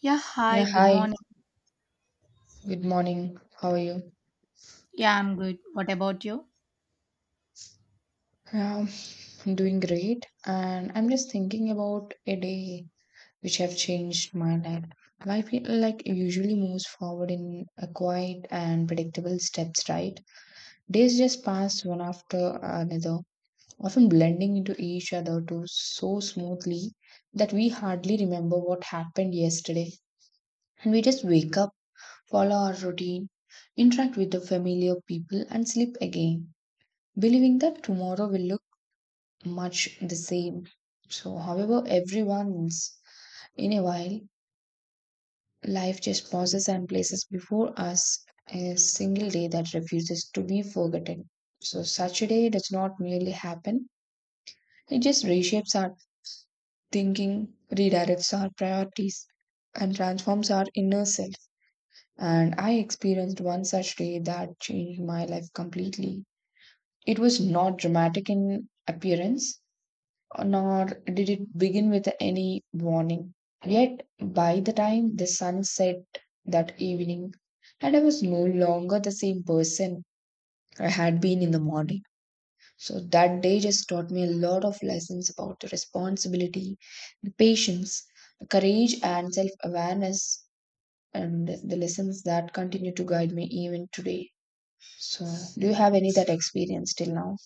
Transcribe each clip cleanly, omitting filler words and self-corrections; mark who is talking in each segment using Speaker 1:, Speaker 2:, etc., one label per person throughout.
Speaker 1: Yeah, hi,
Speaker 2: Yeah,
Speaker 1: good
Speaker 2: hi.
Speaker 1: morning.
Speaker 2: Good morning. How are you?
Speaker 1: Yeah, I'm good. What about you?
Speaker 2: Yeah, I'm doing great. And I'm just thinking about a day which have changed my life. Life like usually moves forward in a quiet and predictable steps, right? Days just pass one after another, often blending into each other too so smoothly that we hardly remember what happened yesterday. And we just wake up, follow our routine, interact with the familiar people, and sleep again believing that tomorrow will look much the same. So, however, every once in a while, life just pauses and places before us a single day that refuses to be forgotten. So, such a day does not merely happen, it just reshapes our thinking, redirects our priorities, and transforms our inner self. And I experienced one such day that changed my life completely. It was not dramatic in appearance, nor did it begin with any warning. Yet, by the time the sun set that evening, and I was no longer the same person I had been in the morning. So, that day just taught me a lot of lessons about the responsibility, the patience, the courage, and self awareness, and the lessons that continue to guide me even today. So, do you have any that experience till now?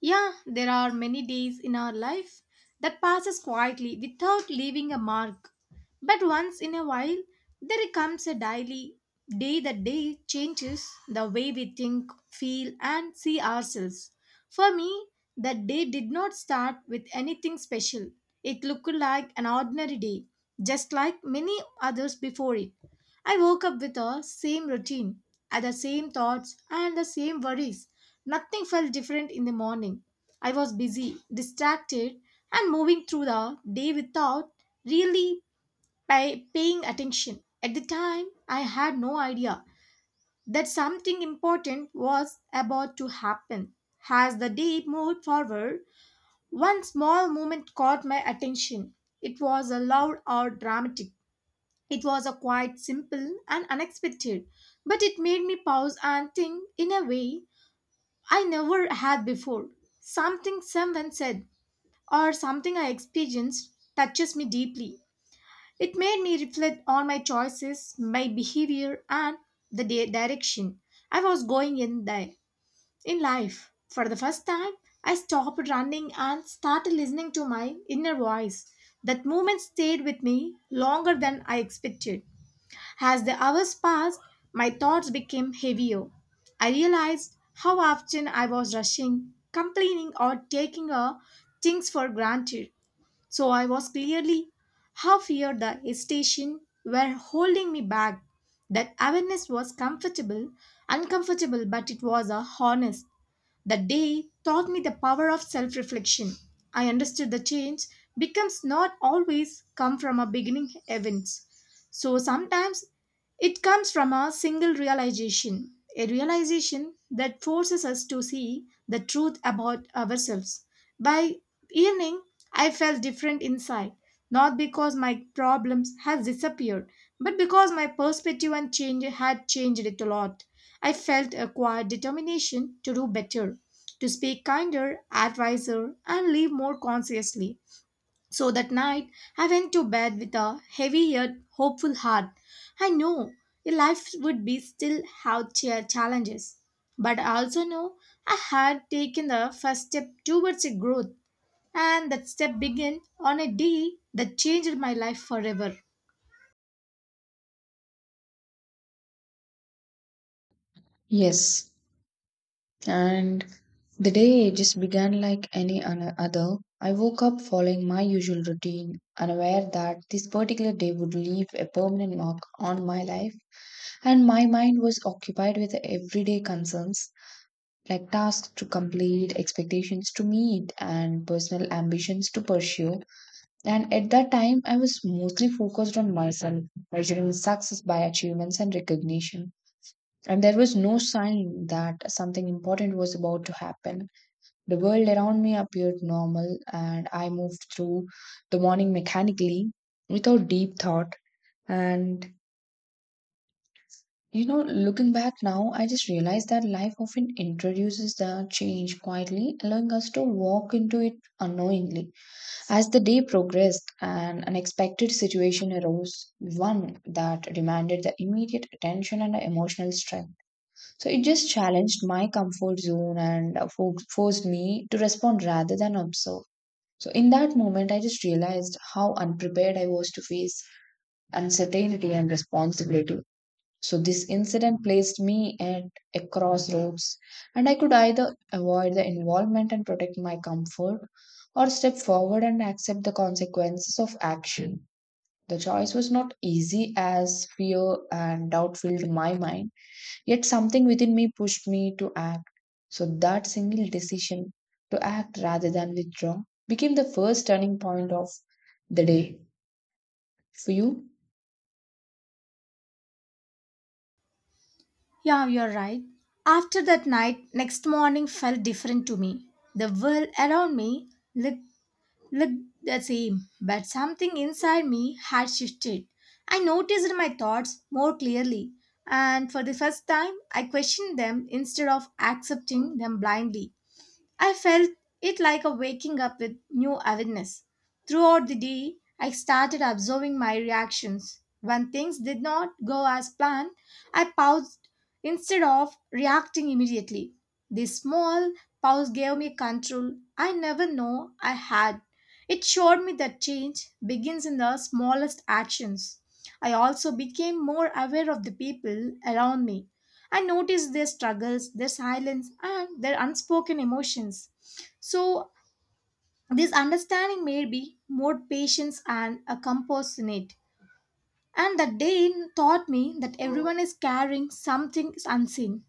Speaker 1: Yeah, there are many days in our life that passes quietly without leaving a mark. But once in a while, there comes a daily day that day changes the way we think, feel, and see ourselves. For me, that day did not start with anything special. It looked like an ordinary day, just like many others before it. I woke up with the same routine, and the same thoughts, and the same worries. Nothing felt different in the morning. I was busy, distracted, and moving through the day without really paying attention. At the time, I had no idea that something important was about to happen. As the day moved forward, one small moment caught my attention. It was a loud or dramatic. It was a quite simple and unexpected, but it made me pause and think in a way I never had before. Something someone said or something I experienced touches me deeply. It made me reflect on my choices, my behavior, and the direction I was going in there in life. For the first time, I stopped running and started listening to my inner voice. That moment stayed with me longer than I expected. As the hours passed, my thoughts became heavier. I realized how often I was rushing, complaining, or taking things for granted. So I was clearly how feared the hesitation were holding me back. That awareness was comfortable, uncomfortable, but it was a honest. That day taught me the power of self reflection. I understood the change becomes not always come from a beginning events. So sometimes it comes from a single realization, a realization that forces us to see the truth about ourselves. By evening, I felt different inside, not because my problems had disappeared, but because my perspective and change had changed it a lot. I felt a quiet determination to do better to speak kinder, adviser, and live more consciously. So that night, I went to bed with a heavy yet hopeful heart. I know life would be still have challenges, but I also know I had taken the first step towards a growth, and that step began on a day that changed my life forever.
Speaker 2: Yes. And the day just began like any other. I woke up following my usual routine, unaware that this particular day would leave a permanent mark on my life. And my mind was occupied with everyday concerns like tasks to complete, expectations to meet, and personal ambitions to pursue. And at that time, I was mostly focused on myself, measuring success by achievements and recognition. And there was no sign that something important was about to happen. The world around me appeared normal, and I moved through the morning mechanically without deep thought. And you know, looking back now, I just realized that life often introduces the change quietly, allowing us to walk into it unknowingly. As the day progressed, an unexpected situation arose, one that demanded the immediate attention and emotional strength. So it just challenged my comfort zone and forced me to respond rather than observe. So, in that moment, I just realized how unprepared I was to face uncertainty and responsibility. So, this incident placed me at a crossroads, and I could either avoid the involvement and protect my comfort or step forward and accept the consequences of action. The choice was not easy as fear and doubt filled my mind. Yet something within me pushed me to act. So that single decision to act rather than withdraw became the first turning point of the day. For you?
Speaker 1: Yeah, you're right. After that night, next morning felt different to me. The world around me looked the same, but something inside me had shifted. I noticed my thoughts more clearly, and for the first time, I questioned them instead of accepting them blindly. I felt it like a waking up with new awareness. Throughout the day, I started observing my reactions. When things did not go as planned, I paused instead of reacting immediately. This small pause gave me control I never know I had. It showed me that change begins in the smallest actions. I also became more aware of the people around me. I notice their struggles, their silence, and their unspoken emotions. So, this understanding made me more patient and a compassionate. And that day taught me that everyone is carrying something unseen.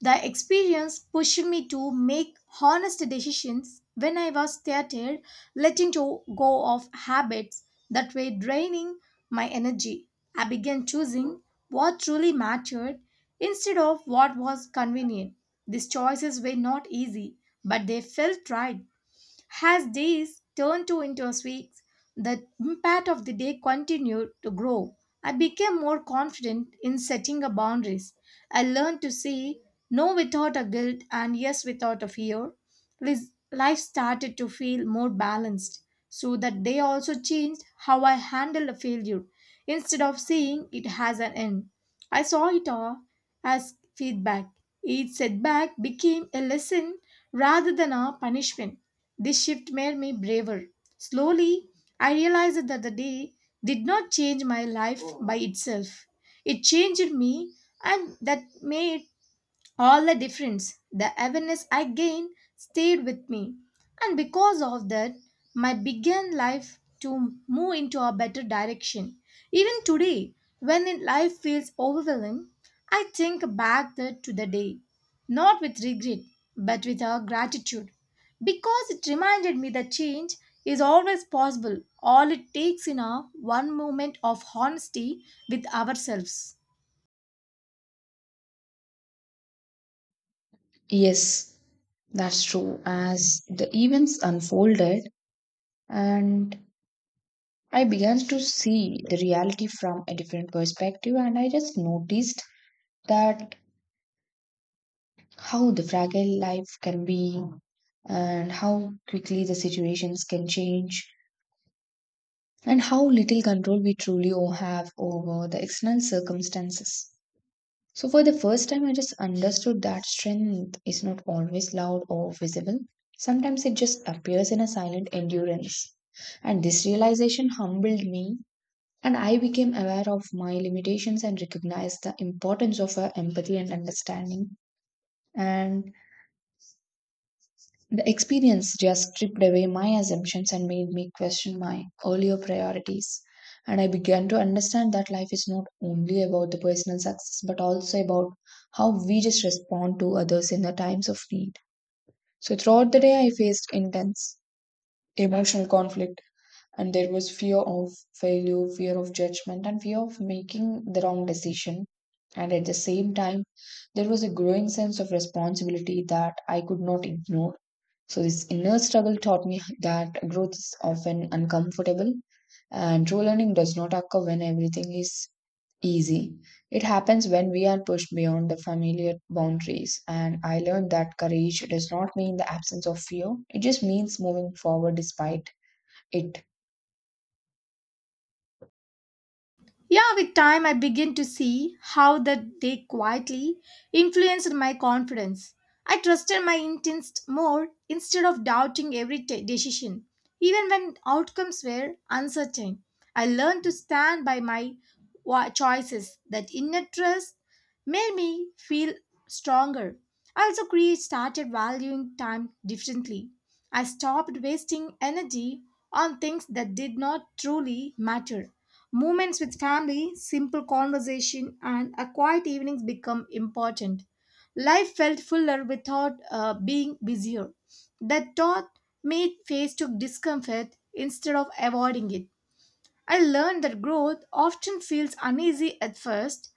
Speaker 1: The experience pushed me to make honest decisions when I was tired, letting to go of habits that were draining my energy. I began choosing what truly mattered instead of what was convenient. These choices were not easy, but they felt right as days turned to into weeks, the impact of the day continued to grow. I became more confident in setting a boundaries. I learned to say no without a guilt and yes without a fear. Life started to feel more balanced. So that day also changed how I handle a failure. Instead of seeing it has an end, I saw it all as feedback. Each setback became a lesson rather than a punishment. This shift made me braver. Slowly, I realized that the day did not change my life by itself. It changed me, and that made all the difference. The awareness I gained stayed with me, and because of that, my began life to move into a better direction. Even today, when in life feels overwhelming, I think to the day, not with regret, but with a gratitude, because it reminded me that change is always possible. All it takes in a one moment of honesty with ourselves.
Speaker 2: Yes, that's true. As the events unfolded and I began to see the reality from a different perspective, and I just noticed that how the fragile life can be and how quickly the situations can change and how little control we truly have over the external circumstances. So, for the first time, I just understood that strength is not always loud or visible. Sometimes it just appears in a silent endurance. And this realization humbled me, and I became aware of my limitations and recognized the importance of empathy and understanding. And the experience just stripped away my assumptions and made me question my earlier priorities. And I began to understand that life is not only about the personal success, but also about how we just respond to others in the times of need. So, throughout the day, I faced intense emotional conflict, and there was fear of failure, fear of judgment, and fear of making the wrong decision. And at the same time, there was a growing sense of responsibility that I could not ignore. So, this inner struggle taught me that growth is often uncomfortable and true learning does not occur when everything is easy. It happens when we are pushed beyond the familiar boundaries. And I learned that courage does not mean the absence of fear, it just means moving forward despite it.
Speaker 1: Yeah, with time, I begin to see how that they quietly influenced my confidence. I trusted my instincts more instead of doubting every decision, even when outcomes were uncertain. I learned to stand by my choices. That inner trust made me feel stronger. I also create started valuing time differently. I stopped wasting energy on things that did not truly matter. Moments with family, simple conversation, and a quiet evenings become important. Life felt fuller without being busier. That thought made face to discomfort instead of avoiding it. I learned that growth often feels uneasy at first,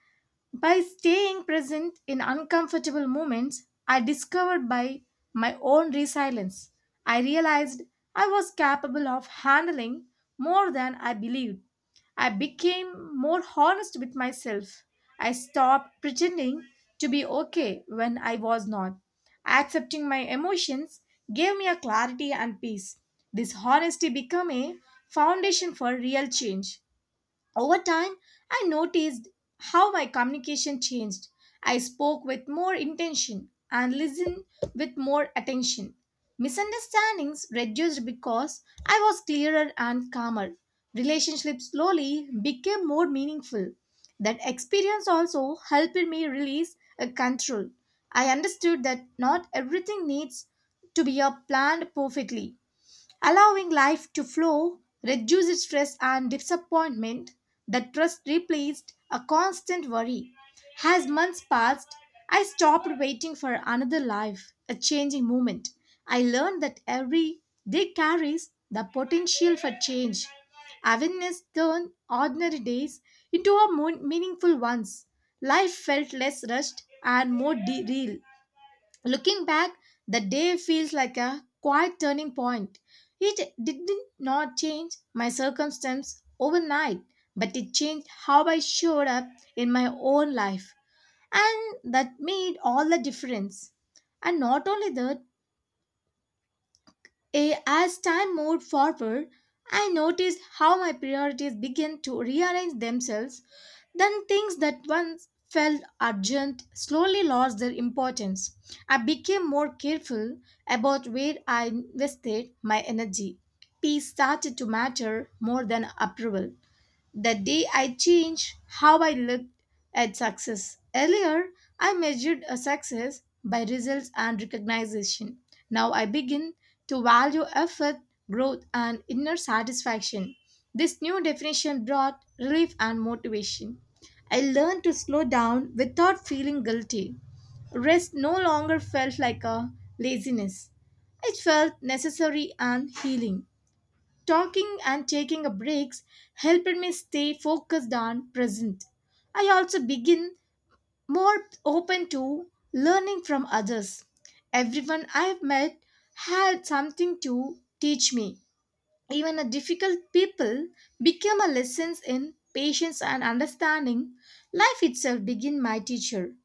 Speaker 1: by staying present in uncomfortable moments, I discovered by my own resilience. I realized I was capable of handling more than I believed. I became more honest with myself. I stopped pretending to be okay when I was not. Accepting my emotions gave me a clarity and peace. This honesty became a foundation for real change. Over time, I noticed how my communication changed. I spoke with more intention and listened with more attention. Misunderstandings reduced because I was clearer and calmer. Relationships slowly became more meaningful. That experience also helped me release a control. I understood that not everything needs to be planned perfectly. Allowing life to flow reduces stress and disappointment. That trust replaced a constant worry. As months passed, I stopped waiting for another life, a changing moment. I learned that every day carries the potential for change. Awareness turned ordinary days into a meaningful ones. Life felt less rushed and more real. Looking back, the day feels like a quiet turning point. It did not change my circumstance overnight, but it changed how I showed up in my own life. And that made all the difference. And not only that, as time moved forward, I noticed how my priorities began to rearrange themselves. Then things that once felt urgent slowly lost their importance. I became more careful about where I invested my energy. Peace started to matter more than approval. The day I changed how I looked at success. Earlier, I measured a success by results and recognition. Now I begin to value effort, growth, and inner satisfaction. This new definition brought relief and motivation. I learned to slow down without feeling guilty. Rest no longer felt like a laziness. It felt necessary and healing. Talking and taking a breaks helped me stay focused and present. I also begin more open to learning from others. Everyone I've met had something to teach me. Even a difficult people become a lessons in patience and understanding. Life itself begin my teacher.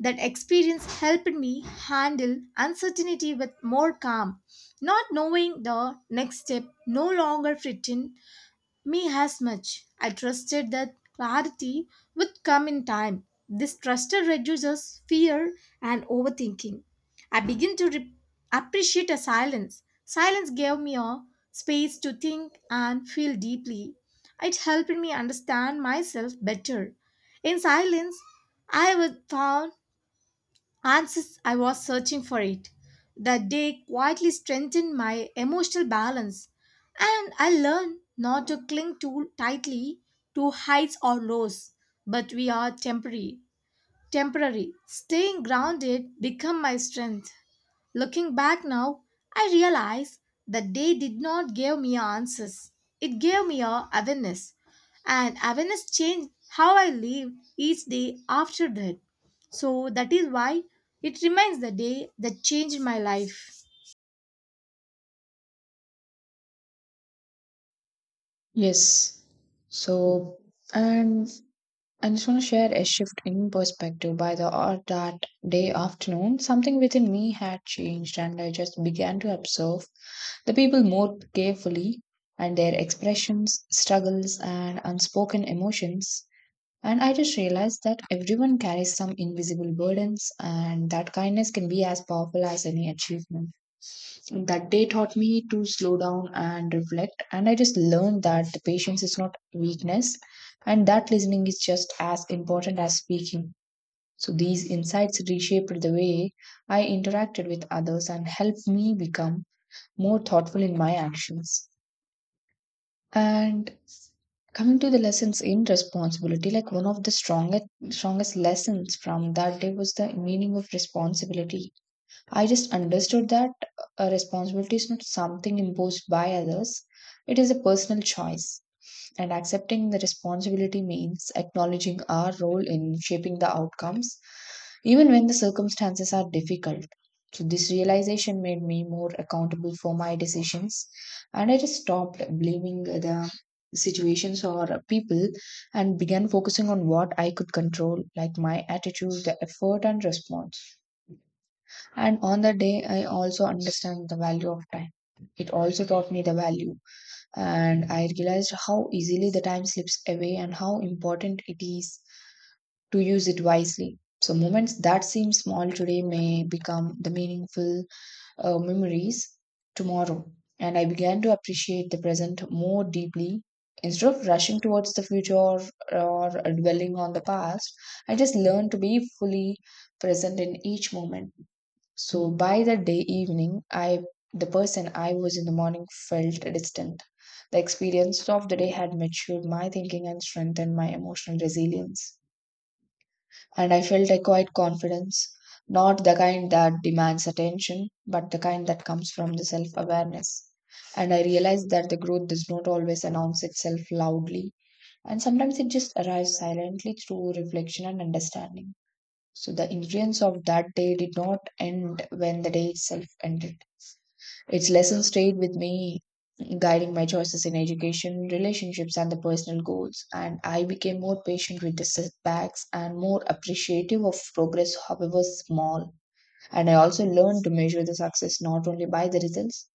Speaker 1: That experience helped me handle uncertainty with more calm. Not knowing the next step no longer threatened me as much. I trusted that clarity would come in time. This trust reduces fear and overthinking. I begin to appreciate a silence. Silence gave me a space to think and feel deeply. It helped me understand myself better. In silence, I would found answers I was searching for it. The day quietly strengthened my emotional balance, and I learned not to cling too tightly to heights or lows, but we are temporary. Temporary. Staying grounded become my strength. Looking back now, I realize that day did not give me answers. It gave me a awareness, and awareness changed how I live each day after that. So that is why it remains the day that changed my life.
Speaker 2: Yes. So, and I just want to share a shift in perspective by the or that day afternoon. Something within me had changed, and I just began to observe the people more carefully and their expressions, struggles, and unspoken emotions. And I just realized that everyone carries some invisible burdens, and that kindness can be as powerful as any achievement. That day taught me to slow down and reflect, and I just learned that the patience is not weakness, and that listening is just as important as speaking. So these insights reshaped the way I interacted with others and helped me become more thoughtful in my actions. And coming to the lessons in responsibility like one of the strongest lessons from that day was the meaning of responsibility. I just understood that a responsibility is not something imposed by others, it is a personal choice. And accepting the responsibility means acknowledging our role in shaping the outcomes, even when the circumstances are difficult. So, this realization made me more accountable for my decisions, and I just stopped blaming the situations or people and began focusing on what I could control, like my attitude, the effort, and response. And on the day, I also understand the value of time. It also taught me the value, and I realized how easily the time slips away and how important it is to use it wisely. So, moments that seem small today may become the meaningful memories tomorrow. And I began to appreciate the present more deeply. Instead of rushing towards the future or dwelling on the past, I just learned to be fully present in each moment. So by that day evening, I, the person I was in the morning felt distant. The experience of the day had matured my thinking and strengthened my emotional resilience. And I felt a quiet confidence, not the kind that demands attention, but the kind that comes from the self awareness. And I realized that the growth does not always announce itself loudly, and sometimes it just arrives silently through reflection and understanding. So the influence of that day did not end when the day itself ended. Its lessons stayed with me, guiding my choices in education, relationships, and the personal goals. And I became more patient with the setbacks and more appreciative of progress, however small. And I also learned to measure the success not only by the results,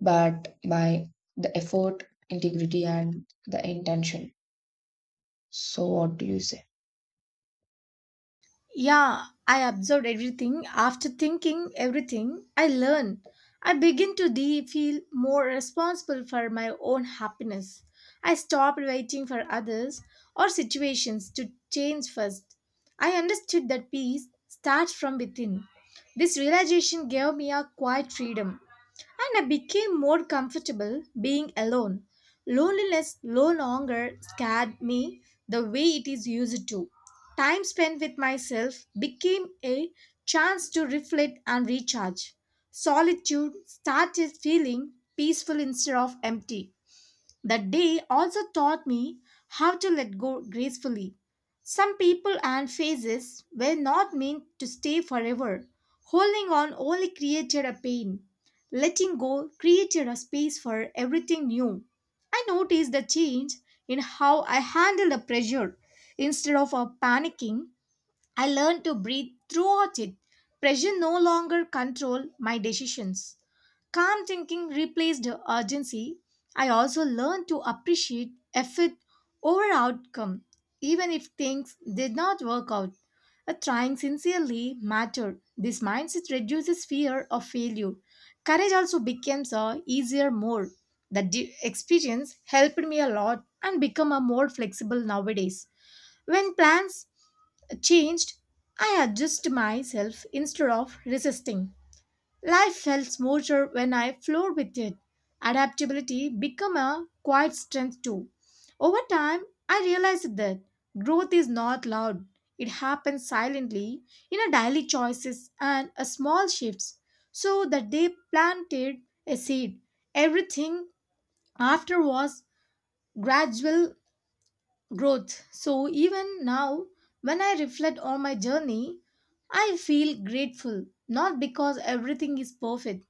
Speaker 2: but by the effort, integrity, and the intention. So, what do you say?
Speaker 1: Yeah, I observed everything. After thinking everything, I learn. I begin to feel more responsible for my own happiness. I stopped waiting for others or situations to change first. I understood that peace starts from within. This realization gave me a quiet freedom, and I became more comfortable being alone. Loneliness no longer scared me the way it is used to. Time spent with myself became a chance to reflect and recharge. Solitude started feeling peaceful instead of empty. That day also taught me how to let go gracefully. Some people and faces were not meant to stay forever. Holding on only created a pain. Letting go created a space for everything new. I noticed the change in how I handled the pressure. Instead of panicking, I learned to breathe throughout it. Pressure no longer controlled my decisions. Calm thinking replaced urgency. I also learned to appreciate effort over outcome, even if things did not work out. A trying sincerely mattered. This mindset reduces fear of failure. Courage also becomes a easier more. The experience helped me a lot and become a more flexible nowadays. When plans changed, I adjust myself instead of resisting. Life felt smoother when I flowed with it. Adaptability became a quiet strength too. Over time, I realized that growth is not loud. It happens silently in our daily choices and a small shifts. So that they planted a seed. Everything after was gradual growth. So even now, when I reflect on my journey, I feel grateful, not because everything is perfect,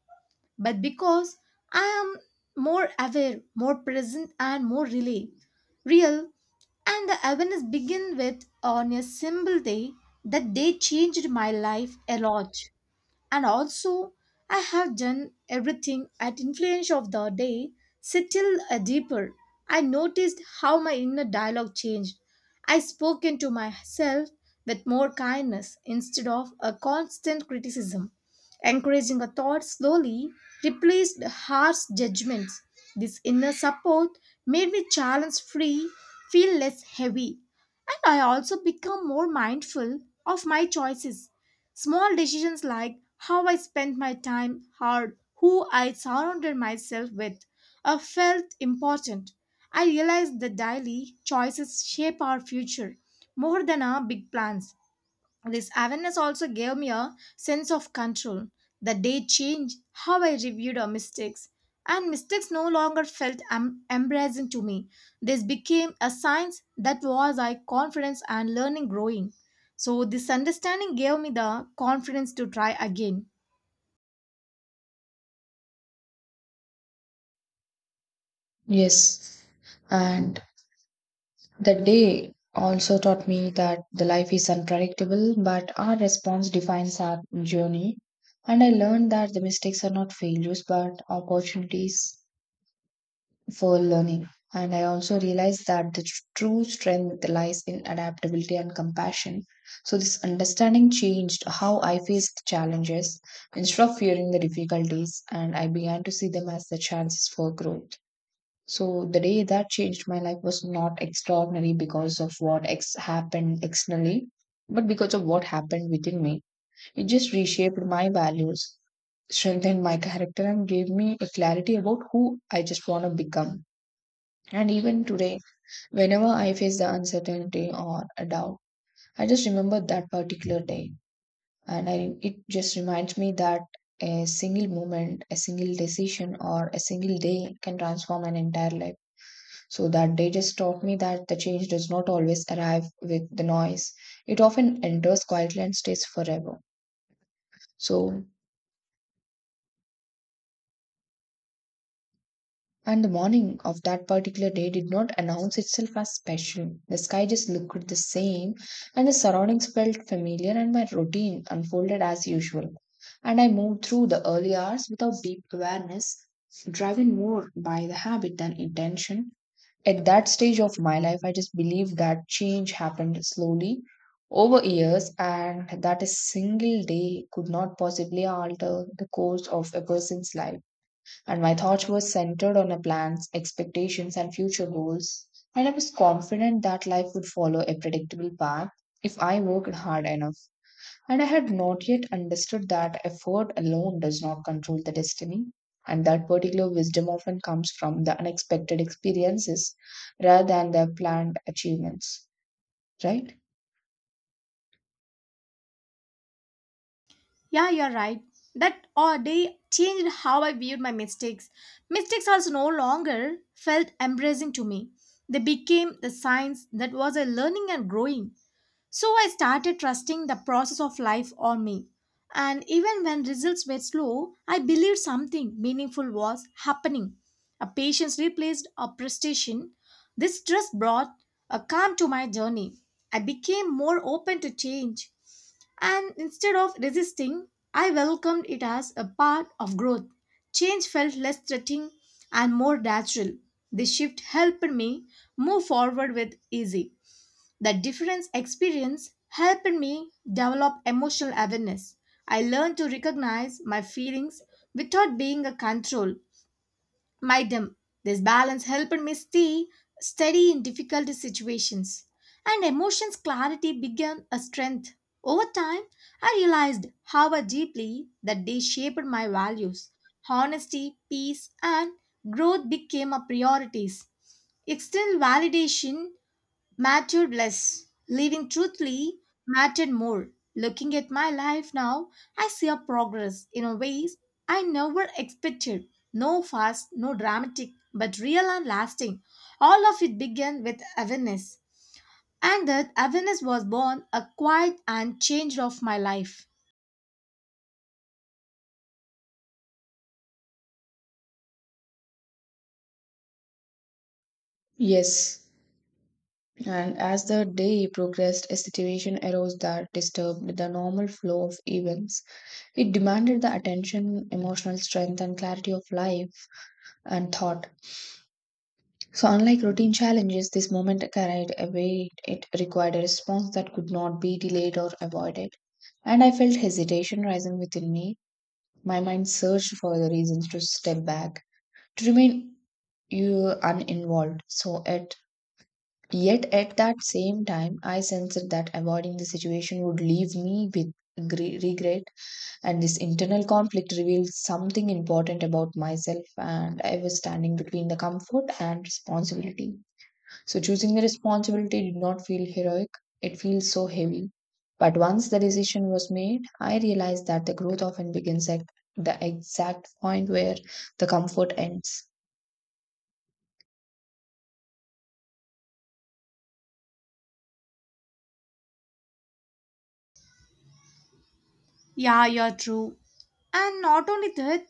Speaker 1: but because I am more aware, more present, and more relay, real. And the awareness began with on a simple day that they changed my life a lot and also I have done everything at influence of the day, settled a deeper. I noticed how my inner dialogue changed. I spoke into myself with more kindness instead of a constant criticism, encouraging a thought slowly replaced harsh judgments. This inner support made me challenge free, feel less heavy, and I also become more mindful of my choices. Small decisions like how I spent my time, how who I surrounded myself with, felt important. I realized that daily choices shape our future more than our big plans. This awareness also gave me a sense of control. The day changed how I reviewed our mistakes, and mistakes no longer felt embarrassing to me. This became a science that was I confidence and learning growing. So this understanding gave me the confidence to try again.
Speaker 2: Yes. And that day also taught me that the life is unpredictable, but our response defines our journey. And I learned that the mistakes are not failures, but opportunities for learning. And I also realized that the true strength lies in adaptability and compassion. So, this understanding changed how I faced challenges instead of fearing the difficulties, and I began to see them as the chances for growth. So the day that changed my life was not extraordinary because of what happened externally, but because of what happened within me. It just reshaped my values, strengthened my character, and gave me a clarity about who I just want to become. And even today, whenever I face the uncertainty or a doubt, I just remember that particular day. And it just reminds me that a single moment, a single decision, or a single day can transform an entire life. So that day just taught me that the change does not always arrive with the noise. It often enters quietly and stays forever. So, and the morning of that particular day did not announce itself as special. The sky just looked the same, and the surroundings felt familiar, and my routine unfolded as usual. And I moved through the early hours without deep awareness, driven more by the habit than intention. At that stage of my life, I just believe that change happened slowly over years, and that a single day could not possibly alter the course of a person's life. And my thoughts were centered on a plans, expectations, and future goals. And I was confident that life would follow a predictable path if I worked hard enough. And I had not yet understood that effort alone does not control the destiny, and that particular wisdom often comes from the unexpected experiences rather than the planned achievements, right?
Speaker 1: Yeah, you're right. That all day changed how I viewed my mistakes. Mistakes also no longer felt embarrassing to me. They became the signs that was a learning and growing. So I started trusting the process of life on me. And even when results were slow, I believed something meaningful was happening. A patience replaced a prestation. This trust brought a calm to my journey. I became more open to change. And instead of resisting, I welcomed it as a part of growth. Change felt less threatening and more natural. This shift helped me move forward with ease. That difference experience helped me develop emotional awareness. I learned to recognize my feelings without being a control by them. This balance helped me stay steady in difficult situations. And emotions clarity became a strength. Over time, I realized how deeply that they shaped my values. Honesty, peace, and growth became a priorities external validation mattered less. Living truthfully mattered more. Looking at my life now, I see a progress in ways I never expected. No fast, no dramatic, but real and lasting. All of it began with awareness. And that awareness was born a quiet and change of my life.
Speaker 2: Yes. And as the day progressed, a situation arose that disturbed the normal flow of events. It demanded the attention, emotional strength, and clarity of life and thought. So, unlike routine challenges, this moment carried a weight. It required a response that could not be delayed or avoided. And I felt hesitation rising within me. My mind searched for the reasons to step back, to remain you uninvolved. So, at yet at that same time, I sensed that avoiding the situation would leave me with regret. And this internal conflict revealed something important about myself. And I was standing between the comfort and responsibility. So choosing the responsibility did not feel heroic, it feels so heavy. But once the decision was made, I realized that the growth often begins at the exact point where the comfort ends.
Speaker 1: Yeah, you're true. And not only that,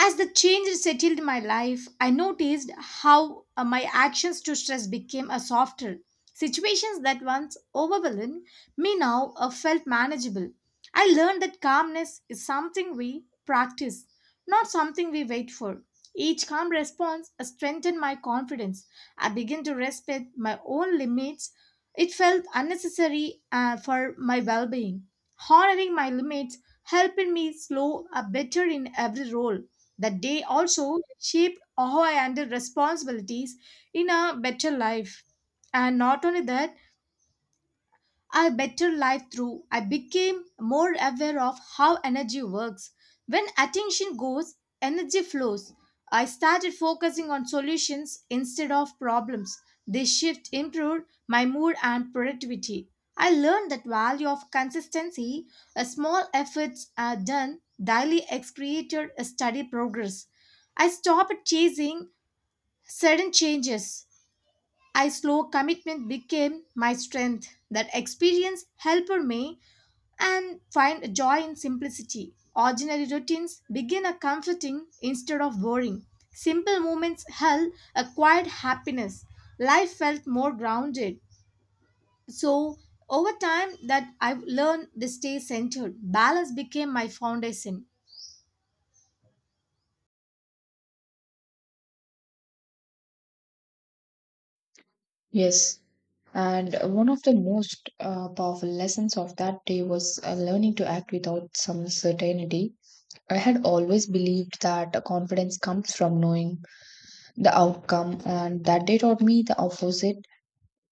Speaker 1: as the change settled in my life, I noticed how my actions to stress became a softer. Situations that once overwhelmed me now felt manageable. I learned that calmness is something we practice, not something we wait for. Each calm response strengthened my confidence. I began to respect my own limits. It felt unnecessary for my well being. Honoring my limits helped me slow a better in every role. That day also shaped our and responsibilities in a better life. And not only that, a better life through I became more aware of how energy works. When attention goes, energy flows. I started focusing on solutions instead of problems. This shift improved my mood and productivity. I learned that value of consistency, a small efforts are done daily ex created a steady progress. I stopped chasing sudden changes I slow commitment became my strength. That experience helped me and find joy in simplicity. Ordinary routines begin a comforting instead of boring. Simple moments held a quiet happiness. Life felt more grounded. So over time that I've learned to stay centered. Balance became my foundation.
Speaker 2: Yes. And one of the most powerful lessons of that day was learning to act without some certainty. I had always believed that confidence comes from knowing the outcome, and that day taught me the opposite.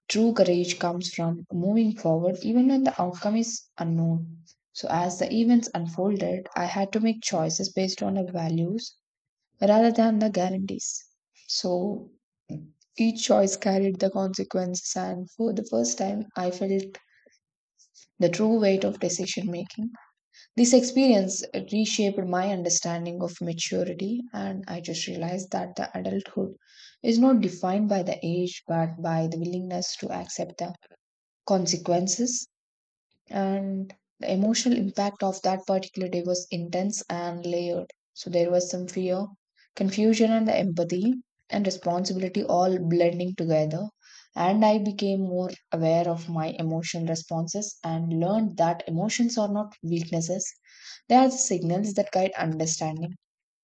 Speaker 2: True courage comes from moving forward even when the outcome is unknown. So, as the events unfolded, I had to make choices based on the values rather than the guarantees. So, each choice carried the consequences, and for the first time, I felt the true weight of decision making. This experience reshaped my understanding of maturity, and I just realized that the adulthood is not defined by the age but by the willingness to accept the consequences. And the emotional impact of that particular day was intense and layered. So there was some fear, confusion, and the empathy and responsibility all blending together. And I became more aware of my emotional responses and learned that emotions are not weaknesses, they are the signals that guide understanding.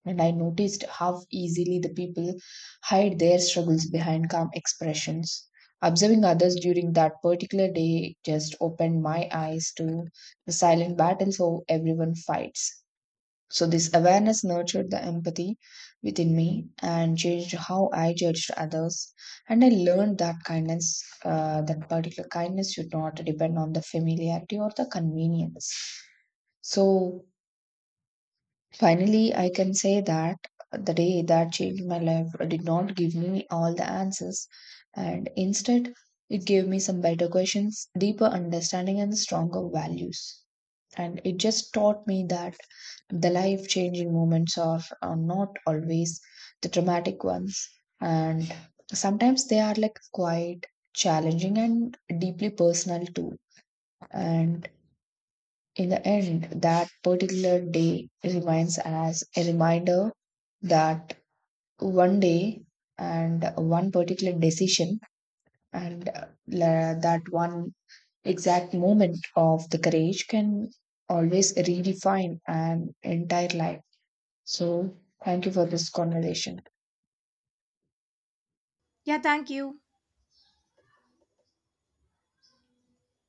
Speaker 2: And I noticed how easily the people hide their struggles behind calm expressions. Observing others during that particular day just opened my eyes to the silent battles how everyone fights. So, this awareness nurtured the empathy within me and changed how I judged others. And I learned that kindness, that particular kindness, should not depend on the familiarity or the convenience. So, finally, I can say that the day that changed my life did not give me all the answers, and instead, it gave me some better questions, deeper understanding, and stronger values. And it just taught me that the life changing moments are not always the dramatic ones, and sometimes they are like quite challenging and deeply personal too. And in the end, that particular day remains as a reminder that one day and one particular decision and that one exact moment of the courage can always redefine an entire life. So, thank you for this conversation.
Speaker 1: Yeah, thank you.